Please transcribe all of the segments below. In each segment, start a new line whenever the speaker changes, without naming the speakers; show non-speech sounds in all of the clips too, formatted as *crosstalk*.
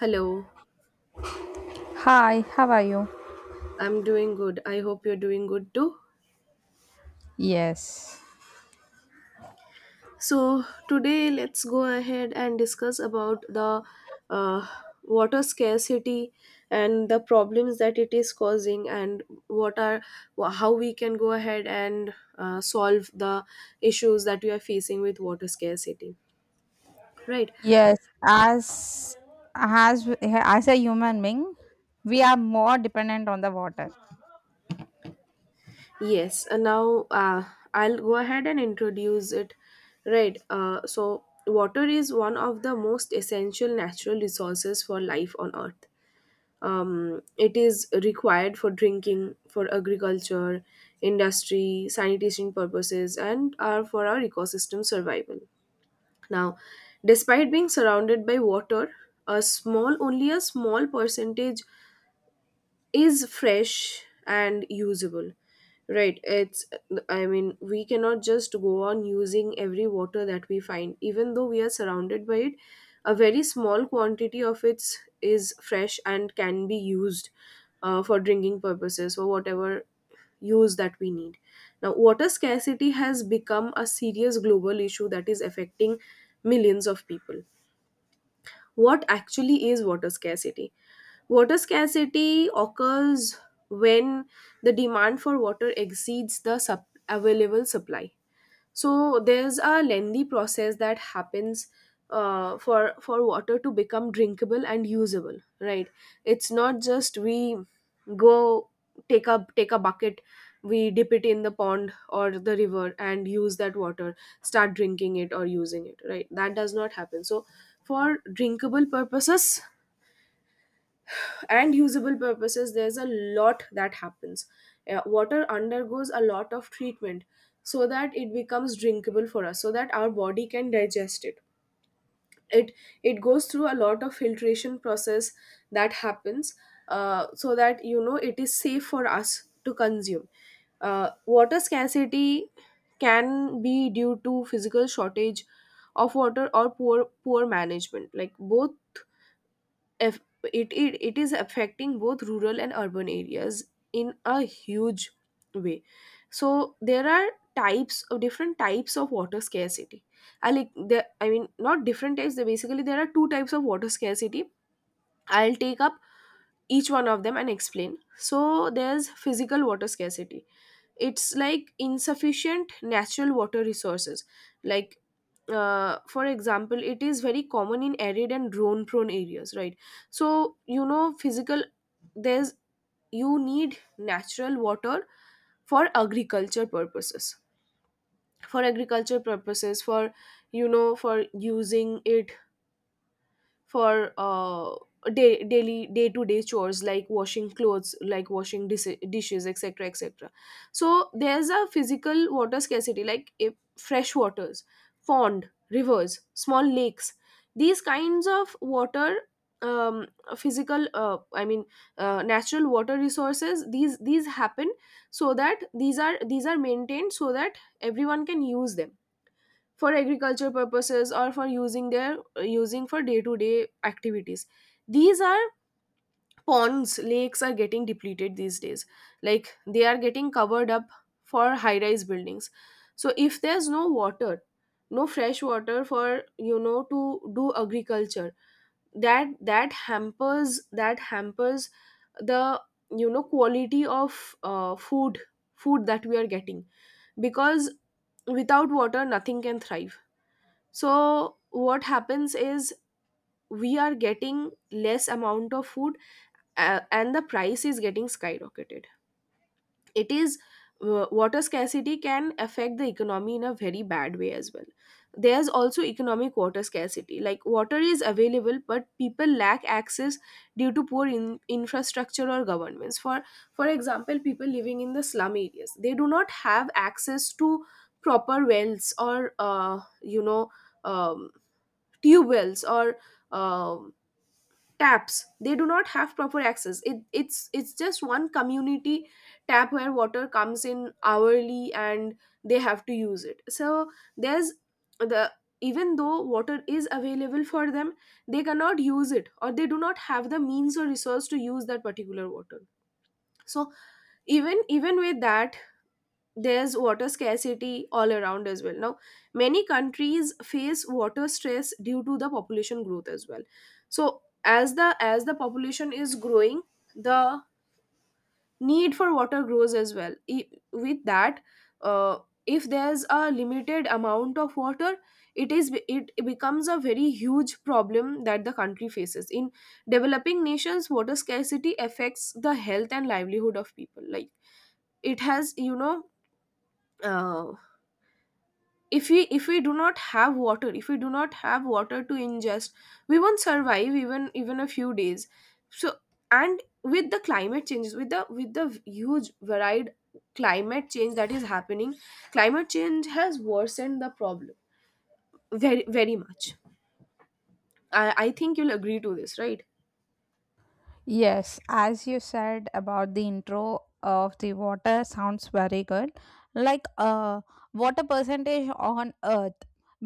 Hello,
Hi, how are you?
I'm doing good. I hope you're doing good too.
Yes.
So, today let's go ahead and discuss about the uh, water scarcity and the problems that it is causing, and how we can go ahead and solve the issues that we are facing with water scarcity. Right.
Yes, as as a human being, we are more dependent on the water.
Yes, and now I'll go ahead and introduce it. Right, so water is one of the most essential natural resources for life on earth. It is required for drinking, for agriculture, industry, sanitation purposes, and for our ecosystem survival. Now, despite being surrounded by water, a small only a small percentage is fresh and usable. Right. it's I mean, we cannot just go on using every water that we find, even though we are surrounded by it. A very small quantity of it is fresh and can be used for drinking purposes or whatever use that we need. Now, water scarcity has become a serious global issue that is affecting millions of people. What actually is water scarcity? Water scarcity occurs when the demand for water exceeds the available supply. So there's a lengthy process that happens for water to become drinkable and usable. Right? It's not just we go take a bucket, we dip it in the pond or the river and use that water, start drinking it or using it. Right? That does not happen. So for drinkable purposes and usable purposes there's a lot that happens. Water undergoes a lot of treatment so that it becomes drinkable for us, so that our body can digest it. It it goes through a lot of filtration process that happens so that it is safe for us to consume. Uh, water scarcity can be due to physical shortage of water or poor management, like both. If it is affecting both rural and urban areas in a huge way. So there are types of different types of water scarcity. I like the I mean, not different types. There Basically, there are two types of water scarcity. I'll take up each one of them and explain. So there's physical water scarcity. It's like insufficient natural water resources. Like for example, it is very common in arid and drone prone areas, right? So, physical there's, you need natural water for agriculture purposes, for for using it, for daily day to day chores like washing clothes, like washing dishes, etc., etc. So there's a physical water scarcity, like if fresh waters, pond, rivers, small lakes, these kinds of water, um, physical I mean, natural water resources, these happen, so that these are maintained so that everyone can use them for agriculture purposes or for using their, using for day to day activities. These are ponds, lakes are getting depleted these days, like they are getting covered up for high rise buildings. So if there's no water, no fresh water for to do agriculture, that hampers, the quality of food, food that we are getting. Because without water, nothing can thrive. So what happens is, we are getting less amount of food and the price is getting skyrocketed. It is uh, water scarcity can affect the economy in a very bad way as well. There's also economic water scarcity, like water is available but people lack access due to poor infrastructure or governments. For example, people living in the slum areas, they do not have access to proper wells or um, tube wells or um taps. They do not have proper access. It's just one community tap where water comes in hourly and they have to use it. So there's, the even though water is available for them, they cannot use it, or they do not have the means or resource to use that particular water. So even with that, there's water scarcity all around as well. Now, many countries face water stress due to the population growth as well. So as the population is growing, the need for water grows as well, with that. uh, if there's a limited amount of water, it becomes a very huge problem that the country faces. In developing nations, water scarcity affects the health and livelihood of people, like it has, uh, if we, if we do not have water if we do not have water to ingest, we won't survive even a few days. So, and with the climate changes, with the huge varied climate change that is happening, climate change has worsened the problem very, very much. I think you'll agree to this, right?
Yes, as you said, about the intro of the water sounds very good. Like water percentage on earth.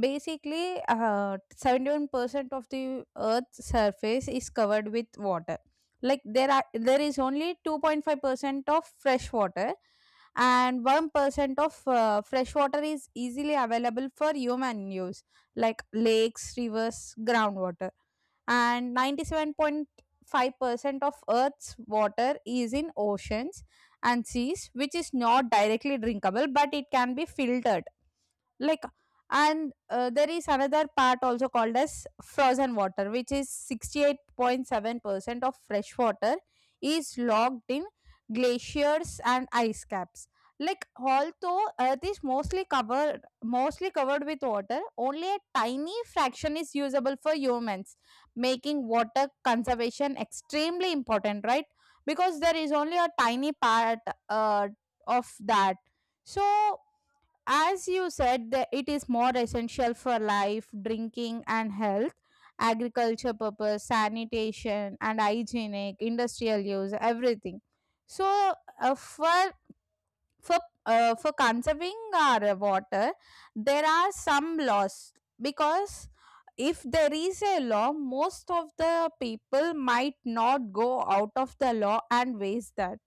Basically, 71% of the earth's surface is covered with water. Like there is only 2.5% of fresh water, and 1% of fresh water is easily available for human use like lakes, rivers, groundwater, and 97 5% of Earth's water is in oceans and seas, which is not directly drinkable, but it can be filtered. Like and uh, there is another part, also called as frozen water, which is 68.7% of fresh water, is locked in glaciers and ice caps. Like, although earth is mostly covered with water, only a tiny fraction is usable for humans, making water conservation extremely important, right? Because there is only a tiny part uh, of that. So as you said, that it is more essential for life, drinking and health, agriculture purpose, sanitation and hygienic, industrial use, everything. So uh, for for for conserving our water, there are some laws. Because if there is a law, most of the people might not go out of the law and waste that.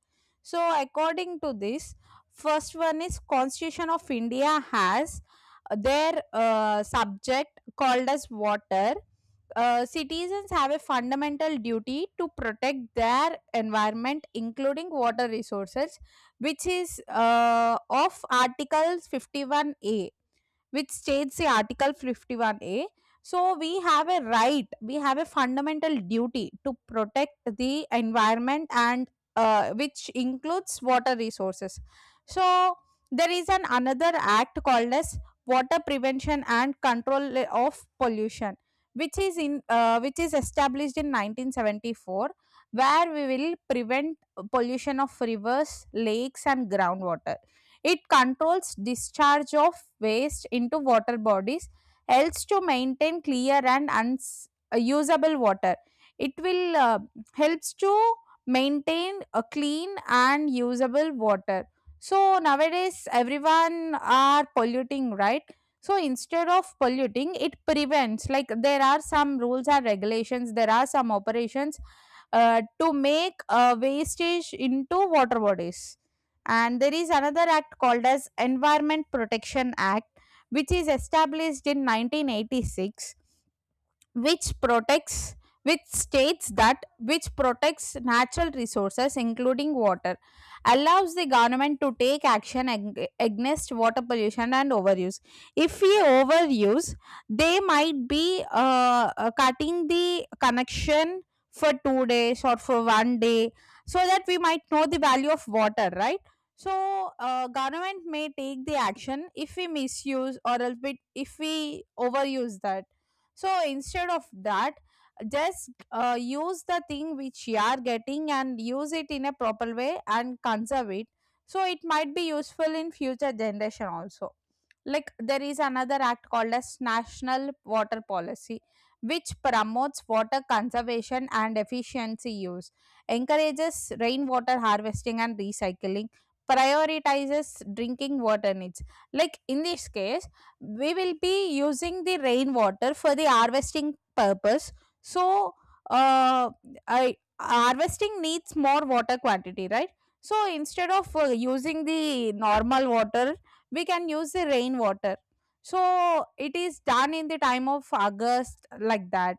So according to this, first one is, constitution of India has their subject called as water. Citizens have a fundamental duty to protect their environment, including water resources, which is of Article 51A, which states the article 51A. So we have a right, we have a fundamental duty to protect the environment, and which includes water resources. So there is an another act called as water prevention and control of pollution, which is in which is established in 1974, where we will prevent pollution of rivers, lakes, and groundwater. It controls discharge of waste into water bodies, helps to maintain clear and usable water. It will helps to maintain a clean and usable water. So nowadays everyone are polluting, right? So instead of polluting, it prevents. Like, there are some rules and regulations. There are some operations to make wastage into water bodies. And there is another act called as environment protection act, which is established in 1986, which protects which states that which protects natural resources including water, allows the government to take action against water pollution and overuse. If we overuse, they might be cutting the connection for 2 days or for one day, so that we might know the value of water, right? So government may take the action if we misuse, or if we overuse that. So instead of that, just use the thing which you are getting and use it in a proper way and conserve it, so it might be useful in future generation also. Like, there is another act called as national water policy, which promotes water conservation and efficiency use, encourages rainwater harvesting and recycling, prioritizes drinking water needs. Like, in this case, we will be using the rainwater for the harvesting purpose. So uh, harvesting needs more water quantity, right? So instead of using the normal water, we can use the rainwater. So it is done in the time of August, like that.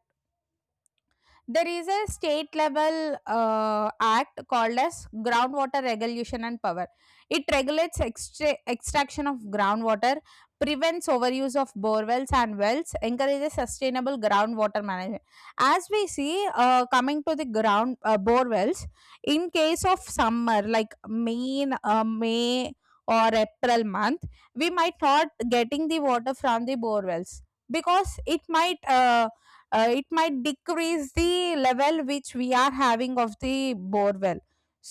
There is a state level act called as groundwater regulation and power. It regulates extraction of groundwater, prevents overuse of bore wells and wells, encourages sustainable groundwater management. As we see, coming to the ground bore wells, in case of summer like May or April month, we might not getting the water from the bore wells, because it might decrease the level which we are having of the borewell.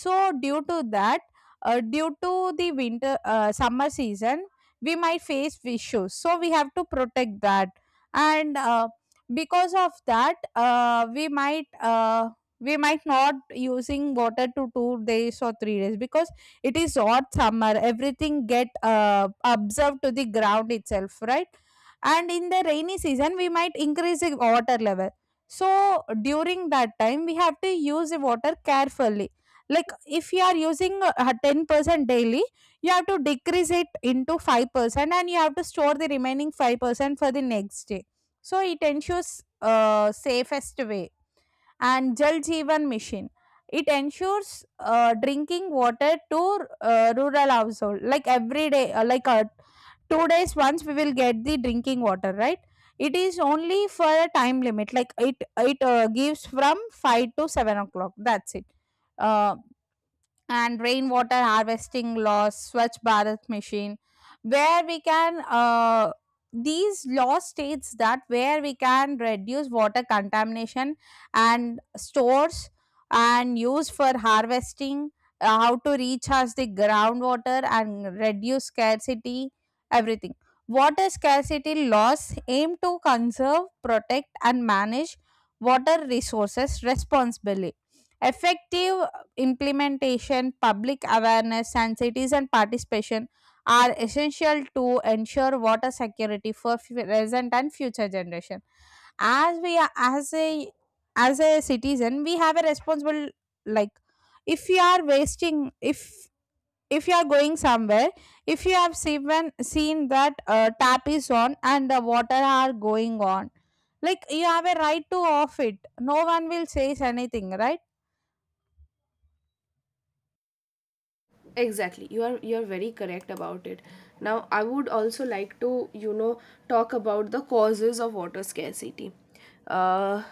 So due to that, due to the winter summer season, we might face issues, so we have to protect that. And because of that, we might not using water to 2 days or 3 days, because it is hot summer, everything get observed to the ground itself, right? And in the rainy season, we might increase the water level, so during that time we have to use the water carefully. Like, if you are using 10% daily, you have to decrease it into 5%, and you have to store the remaining 5% for the next day. So it ensures safest way. And Jal Jeevan Mission. It ensures drinking water to rural household, like every day, 2 days once we will get the drinking water, right? It is only for a time limit, like it gives from 5 to 7 o'clock. That's it. Uh, and rainwater harvesting laws, Swachh Bharat mission, where we can these law states that where we can reduce water contamination, and stores, and use for harvesting, how to recharge the groundwater and reduce scarcity, everything. Water scarcity laws aim to conserve, protect, and manage water resources responsibly. Effective implementation, public awareness, and citizen participation are essential to ensure water security for present and future generation. As we are, as a citizen, we have a responsible. Like, if you are wasting, if you are going somewhere, if you have seen that tap is on and the water are going on, like, you have a right to off it, no one will say anything, right?
Exactly, you are very correct about it. Now, I would also like to, you know talk about the causes of water scarcity. uh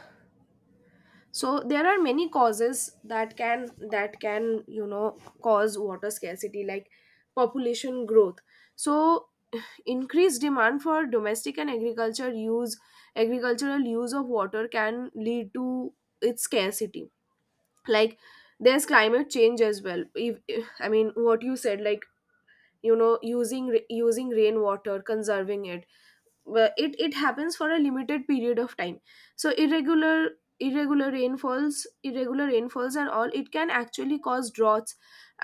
so there are many causes that can, cause water scarcity, like population growth. So *clears throat* *sighs* increased demand for domestic and agriculture use agricultural use of water can lead to its scarcity. Like there's climate change as well. I mean, what you said, like, using using rainwater, conserving it. Well, it happens for a limited period of time. So irregular, irregular rainfalls irregular rainfalls and all, it can actually cause droughts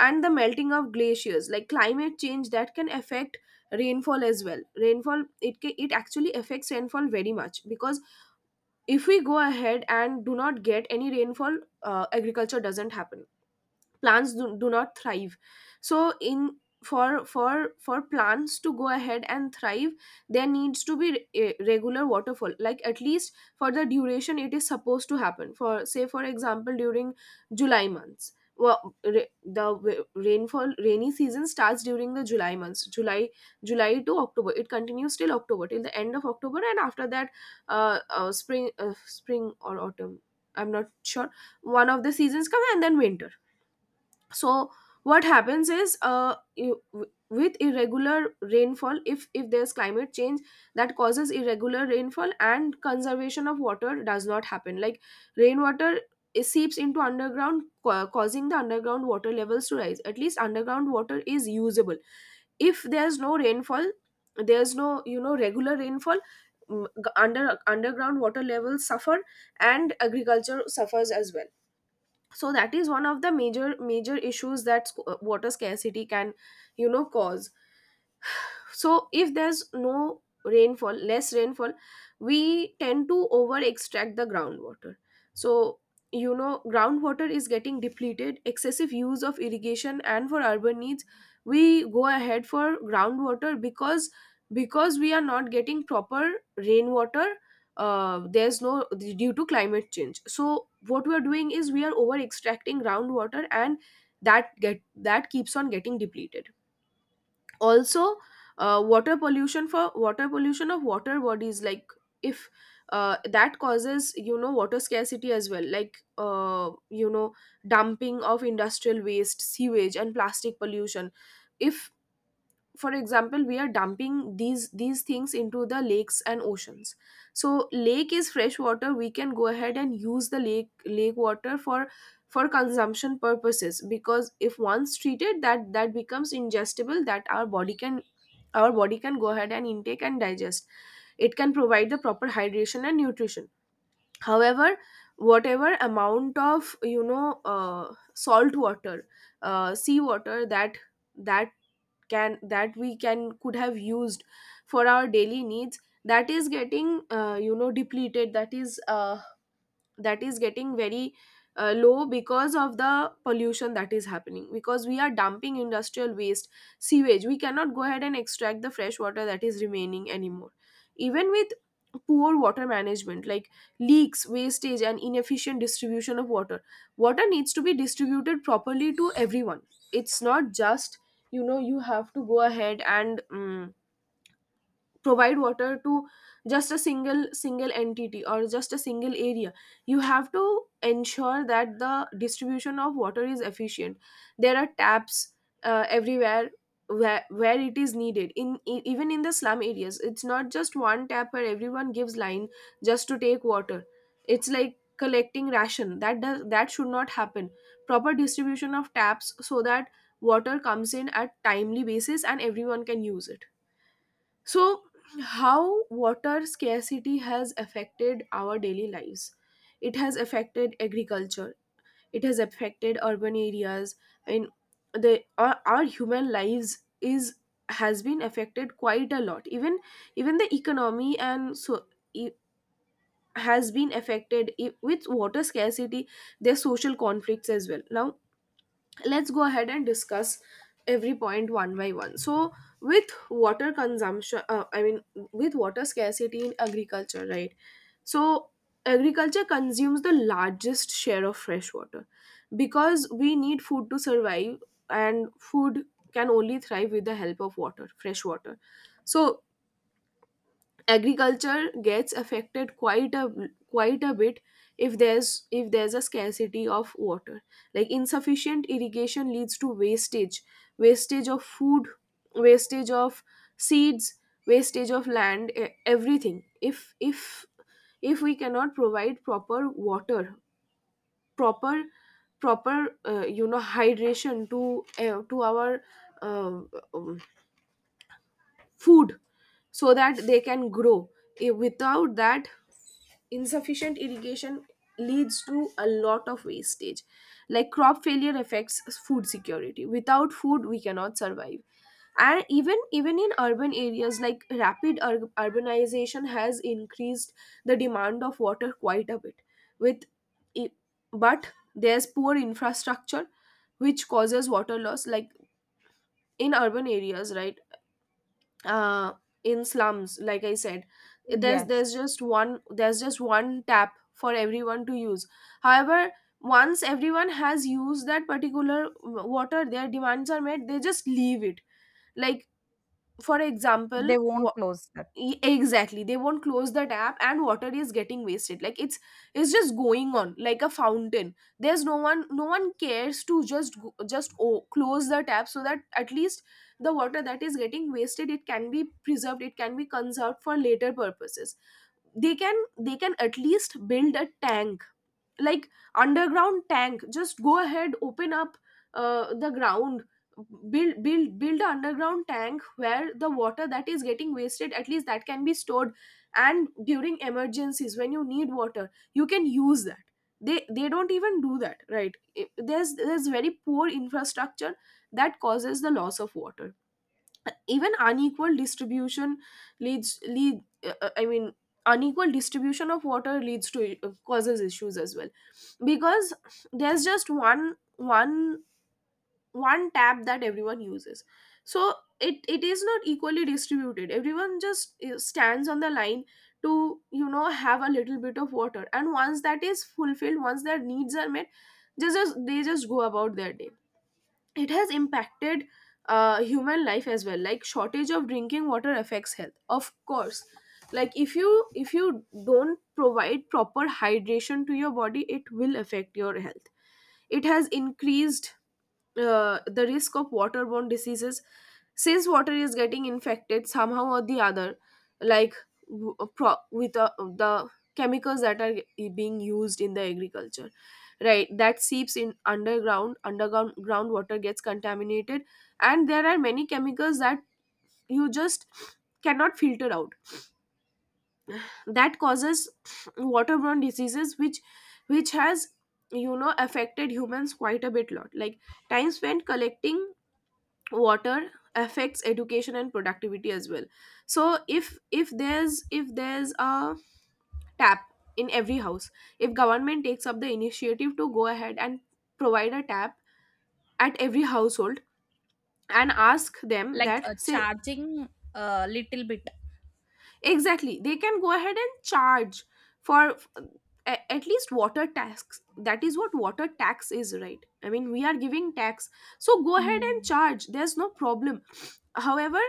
and the melting of glaciers. Like climate change, that can affect rainfall as well. Rainfall, it actually affects rainfall very much, because if we go ahead and do not get any rainfall, agriculture doesn't happen. Plants do not thrive. So in for for plants to go ahead and thrive, there needs to be a regular waterfall, like at least for the duration it is supposed to happen, for, say, for example, during July months. Well, rainfall rainy season starts during the July months, July to October. It continues till October, till the end of October, and after that, spring or autumn, I'm not sure, one of the seasons come and then winter. So what happens is, with irregular rainfall. If there's climate change that causes irregular rainfall, and conservation of water does not happen, like rainwater, it seeps into underground, causing the underground water levels to rise. At least underground water is usable. If there's no rainfall, there's no, regular rainfall, underground water levels suffer, and agriculture suffers as well. So that is one of the major issues that water scarcity can, cause. So if there's no rainfall less rainfall, we tend to over extract the groundwater. So, groundwater is getting depleted. Excessive use of irrigation and for urban needs, we go ahead for groundwater, because we are not getting proper rainwater. Uh, there's no due to climate change, so what we are doing is, we are over extracting groundwater, and that keeps on getting depleted. Also, water pollution, of water bodies, like if, that causes, water scarcity as well. Like dumping of industrial waste, sewage and plastic pollution, if, for example, we are dumping these things into the lakes and oceans. So lake is fresh water, we can go ahead and use the lake water for consumption purposes, because if once treated, that becomes ingestible, that our body can go ahead and intake and digest. It can provide the proper hydration and nutrition. However, whatever amount of, salt water sea water that, that can that we can could have used for our daily needs, that is getting, depleted. That is, getting very, low because of the pollution that is happening, because we are dumping industrial waste, sewage. We cannot go ahead and extract the fresh water that is remaining anymore. Even with poor water management, like leaks, wastage and inefficient distribution of water. Water needs to be distributed properly to everyone. It's not just, you have to go ahead and, provide water to just a single entity or just a single area. You have to ensure that the distribution of water is efficient. There are taps everywhere, where it is needed, even in the slum areas. It's not just one tap where everyone gives line just to take water. It's like collecting ration, that should not happen. Proper distribution of taps so that water comes in at timely basis and everyone can use it. So, how water scarcity has affected our daily lives? It has affected agriculture, it has affected urban areas, and our human lives is has been affected quite a lot. Even the economy, and so it has been affected with water scarcity. There's social conflicts as well. Now, let's go ahead and discuss every point one by one. So with water consumption, I mean with water scarcity in agriculture, right? So agriculture consumes the largest share of fresh water because we need food to survive, and food can only thrive with the help of water fresh water. So agriculture gets affected quite a bit if there's a scarcity of water, like insufficient irrigation leads to wastage of food, wastage of seeds, wastage of land. Everything, if we cannot provide proper water, proper proper you know, hydration to our uh, um, food so that they can grow. Eh, without that, insufficient irrigation leads to a lot of wastage, like crop failure affects food security. Without food, we cannot survive. And even in urban areas, like rapid urbanization has increased the demand of water quite a bit. with i- but there's poor infrastructure which causes water loss, like in urban areas, right? uh, in slums, like I said, there's
Yes.
there's just one there's just one tap for everyone to use. However, once everyone has used that particular water, their demands are met, they just leave it. Like, for example,
They won't close that.
E- exactly, they won't close the tap and water is getting wasted. Like, it's just going on like a fountain. There's no one, no one cares to just just, oh, close the tap so that at least the water that is getting wasted, it can be preserved, it can be conserved for later purposes. They can at least build a tank, like underground tank. Just go ahead, open up the ground, build build an underground tank where the water that is getting wasted, at least that can be stored. And during emergencies, when you need water, you can use that. They don't even do that, right? There's very poor infrastructure that causes the loss of water. Even unequal distribution leads lead I mean unequal distribution of water leads to causes issues as well, because there's just one one tap that everyone uses. So it is not equally distributed. Everyone just stands on the line to, you know, have a little bit of water, and once that is fulfilled, once their needs are met, just they just go about their day. It has impacted human life as well, like shortage of drinking water affects health, of course. Like, if you don't provide proper hydration to your body, it will affect your health. It has increased the risk of waterborne diseases, since water is getting infected somehow or the other. Like, with the chemicals that are being used in the agriculture, right? That seeps in underground. Groundwater gets contaminated, and there are many chemicals that you just cannot filter out that causes waterborne diseases, which has, you know, affected humans quite a bit lot. Like, time spent collecting water affects education and productivity as well. So if there's a tap in every house, if government takes up the initiative to go ahead and provide a tap at every household, and ask them
Like,
that, say,
charging a little bit.
exactly, they can go ahead and charge for at least water tax. That is what water tax is, right? I mean, we are giving tax. So go ahead and
Hmm.
charge. There's no problem. However,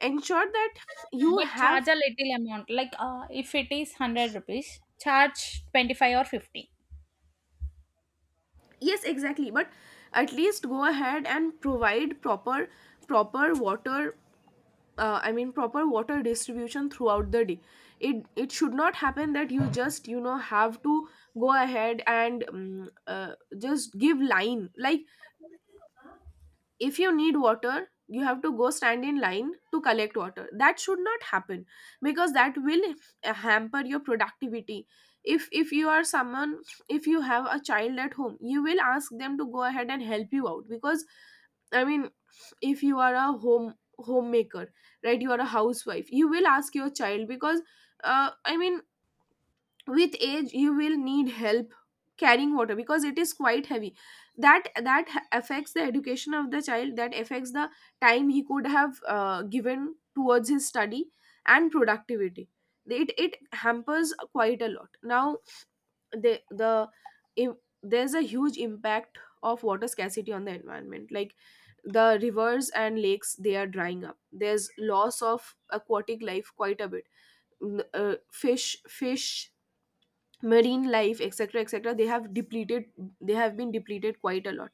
ensure that you
But charge
have,
a little amount, like if it is 100 rupees, charge 25 or 50.
yes, exactly, but at least go ahead and provide proper water, I mean, proper water distribution throughout the day. It should not happen that you just, you know, have to go ahead and just give line. Like, if you need water, you have to go stand in line to collect water. That should not happen, because that will hamper your productivity. If you are someone, if you have a child at home, you will ask them to go ahead and help you out, because I mean, if you are a homemaker, right, you are a housewife, you will ask your child, because I mean with age you will need help carrying water because it is quite heavy. That affects the education of the child, that affects the time he could have given towards his study and productivity. It hampers quite a lot. Now, the if there's a huge impact of water scarcity on the environment, like the rivers and lakes, they are drying up. There's loss of aquatic life quite a bit. Fish, marine life, etc, etc, they have depleted, they have been depleted quite a lot.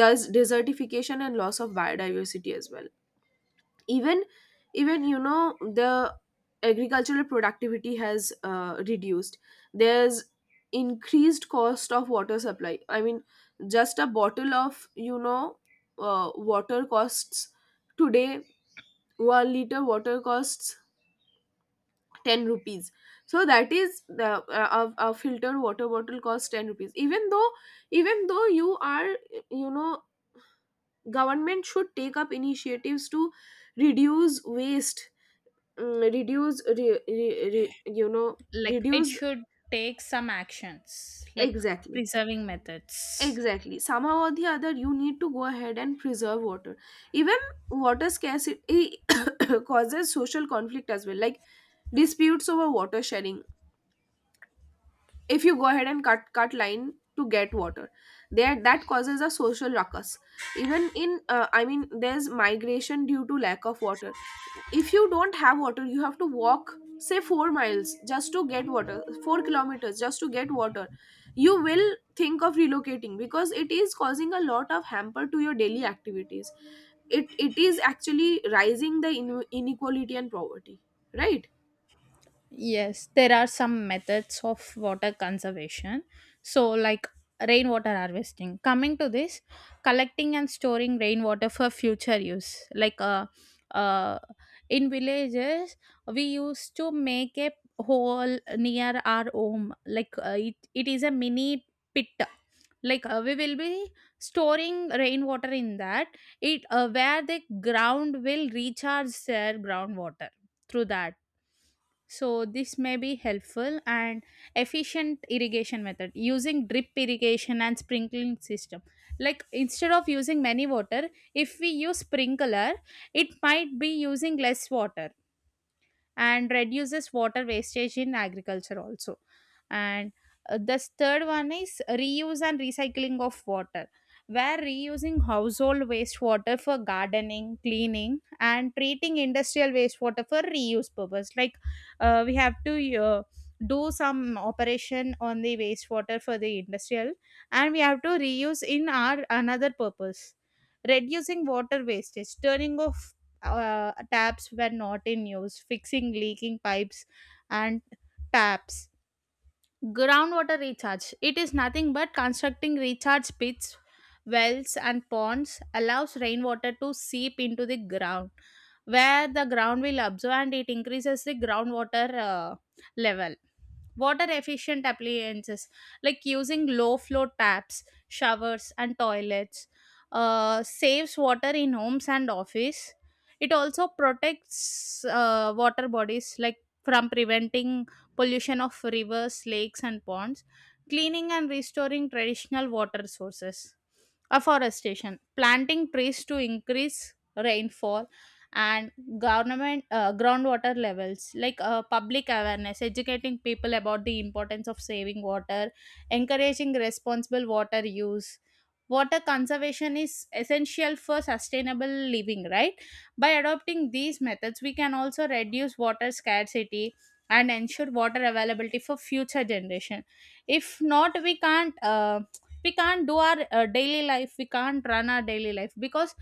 There's desertification and loss of biodiversity as well. Even even, you know, the agricultural productivity has reduced. There's increased cost of water supply. I mean, just a bottle of, you know, water costs today, 1 liter water costs 10 rupees. So that is the, a filtered water bottle costs 10 rupees, even though you are, you know, government should take up initiatives to reduce waste mm, reduce re, re, re, you know
Like, it
reduce,
should take some actions, like
exactly,
preserving methods.
exactly, somehow or the other you need to go ahead and preserve water. Even water scarcity *coughs* causes social conflict as well, like disputes over water sharing. If you go ahead and cut line to get water, there that causes a social ruckus. Even in, I mean, there's migration due to lack of water. If you don't have water, you have to walk, say, 4 miles just to get water, 4 kilometers just to get water, you will think of relocating because it is causing a lot of hamper to your daily activities. It is actually rising the inequality and poverty, right?
Yes, there are some methods of water conservation. So, like rainwater harvesting. Coming to this, collecting and storing rainwater for future use. Like, uh, in villages, we used to make a hole near our home. Like, it is a mini pit. Like, we will be storing rainwater in that, It where the ground will recharge their groundwater through that. So this may be helpful, and efficient irrigation method using drip irrigation and sprinkling system. Like, instead of using many water, if we use sprinkler, it might be using less water and reduces water wastage in agriculture also. And this third one is reuse and recycling of water, where reusing household wastewater for gardening, cleaning, and treating industrial wastewater for reuse purpose. Like, we have to do some operation on the wastewater for the industrial, and we have to reuse in our another purpose. Reducing water wastage, turning off taps were not in use, fixing leaking pipes and taps. Groundwater recharge. It is nothing but constructing recharge pits, wells, and ponds allows rainwater to seep into the ground, where the ground will absorb, and it increases the groundwater level. Water efficient appliances, like using low flow taps, showers, and toilets, saves water in homes and office. It also protects water bodies, like from preventing pollution of rivers, lakes, and ponds, cleaning and restoring traditional water sources, afforestation, planting trees to increase rainfall, and government groundwater levels. Like, public awareness, educating people about the importance of saving water, encouraging responsible water use. Water conservation is essential for sustainable living, right? By adopting these methods, we can also reduce water scarcity and ensure water availability for future generation. If not, we can't we can't do our daily life, we can't run our daily life. Because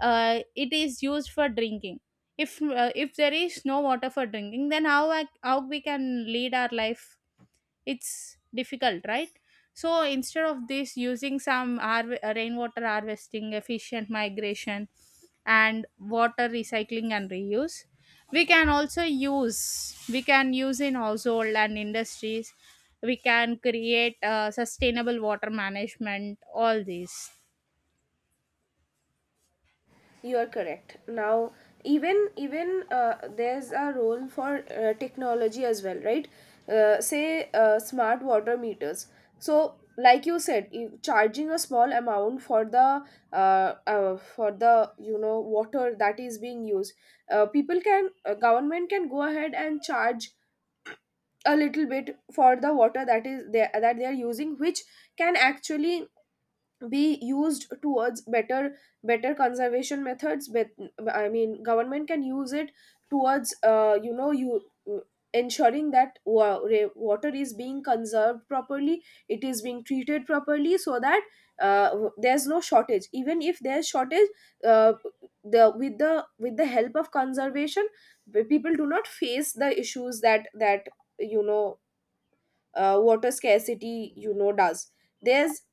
it is used for drinking. If there is no water for drinking, then how we can lead our life, it's difficult, right? So instead of this, using some rainwater harvesting, efficient migration, and water recycling and reuse, we can also use, we can use in household and industries, we can create sustainable water management, all these.
You are correct. Now, even even there's a role for technology as well, right? Say smart water meters. So, like you said, charging a small amount for the for the, you know, water that is being used, people can, government can go ahead and charge a little bit for the water that is there that they are using, which can actually be used towards better conservation methods. But I mean, government can use it towards, you know, you ensuring that water is being conserved properly, it is being treated properly, so that there's no shortage. Even if there's shortage, uh, the with the, with the help of conservation, the people do not face the issues that, you know, water scarcity, you know, does. there's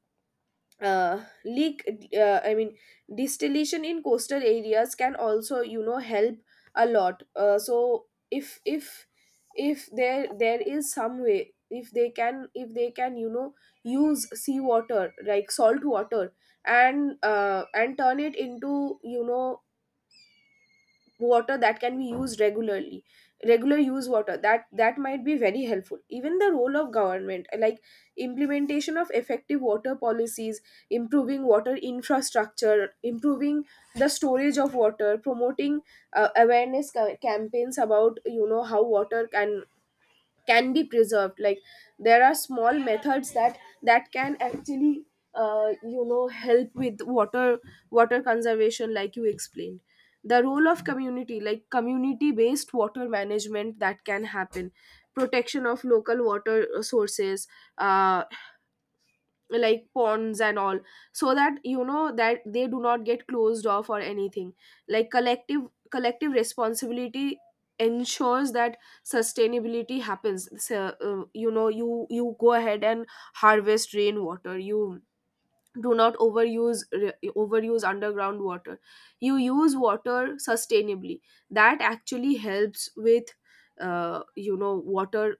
uh, leak uh, i mean distillation in coastal areas can also, you know, help a lot. So if if there there is some way, if they can, if they can you know, use seawater, like salt water, and turn it into, you know, water that can be used regularly, regular use water, that that might be very helpful. Even the role of government, like implementation of effective water policies, improving water infrastructure, improving the storage of water, promoting awareness campaigns about, you know, how water can be preserved. Like, there are small methods that can actually, uh, you know, help with water conservation, like you explained. The role of community, like community based water management, that can happen. Protection of local water sources, uh, like ponds and all, so that, you know, that they do not get closed off or anything. Like collective responsibility ensures that sustainability happens. So, you know, you go ahead and harvest rainwater, you do not overuse underground water, you use water sustainably. That actually helps with, you know, water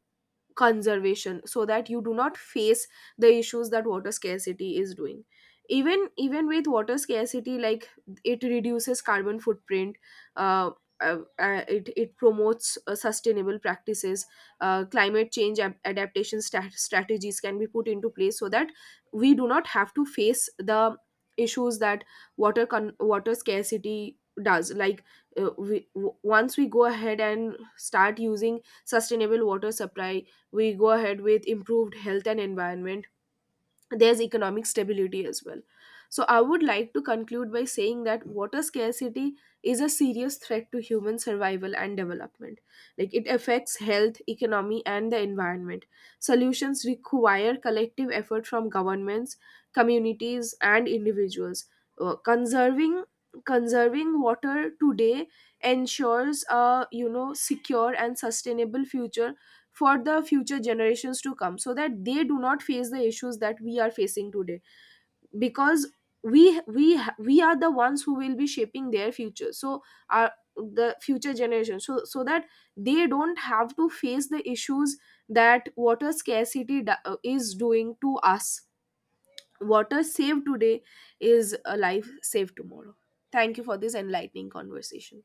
conservation, so that you do not face the issues that water scarcity is doing. Even with water scarcity, like, it reduces carbon footprint. uh, it promotes sustainable practices. Climate change adaptation strategies can be put into place so that we do not have to face the issues that water scarcity does. Like, once we go ahead and start using sustainable water supply, we go ahead with improved health and environment. There's economic stability as well. So I would like to conclude by saying that water scarcity is a serious threat to human survival and development. Like, it affects health, economy, and the environment. Solutions require collective effort from governments, communities, and individuals. Conserving conserving water today ensures a, you know, secure and sustainable future for the future generations to come, so that they do not face the issues that we are facing today. Because we we are the ones who will be shaping their future, so our the future generation, so so that they don't have to face the issues that water scarcity is doing to us. Water saved today is a life saved tomorrow. Thank you for this enlightening conversation.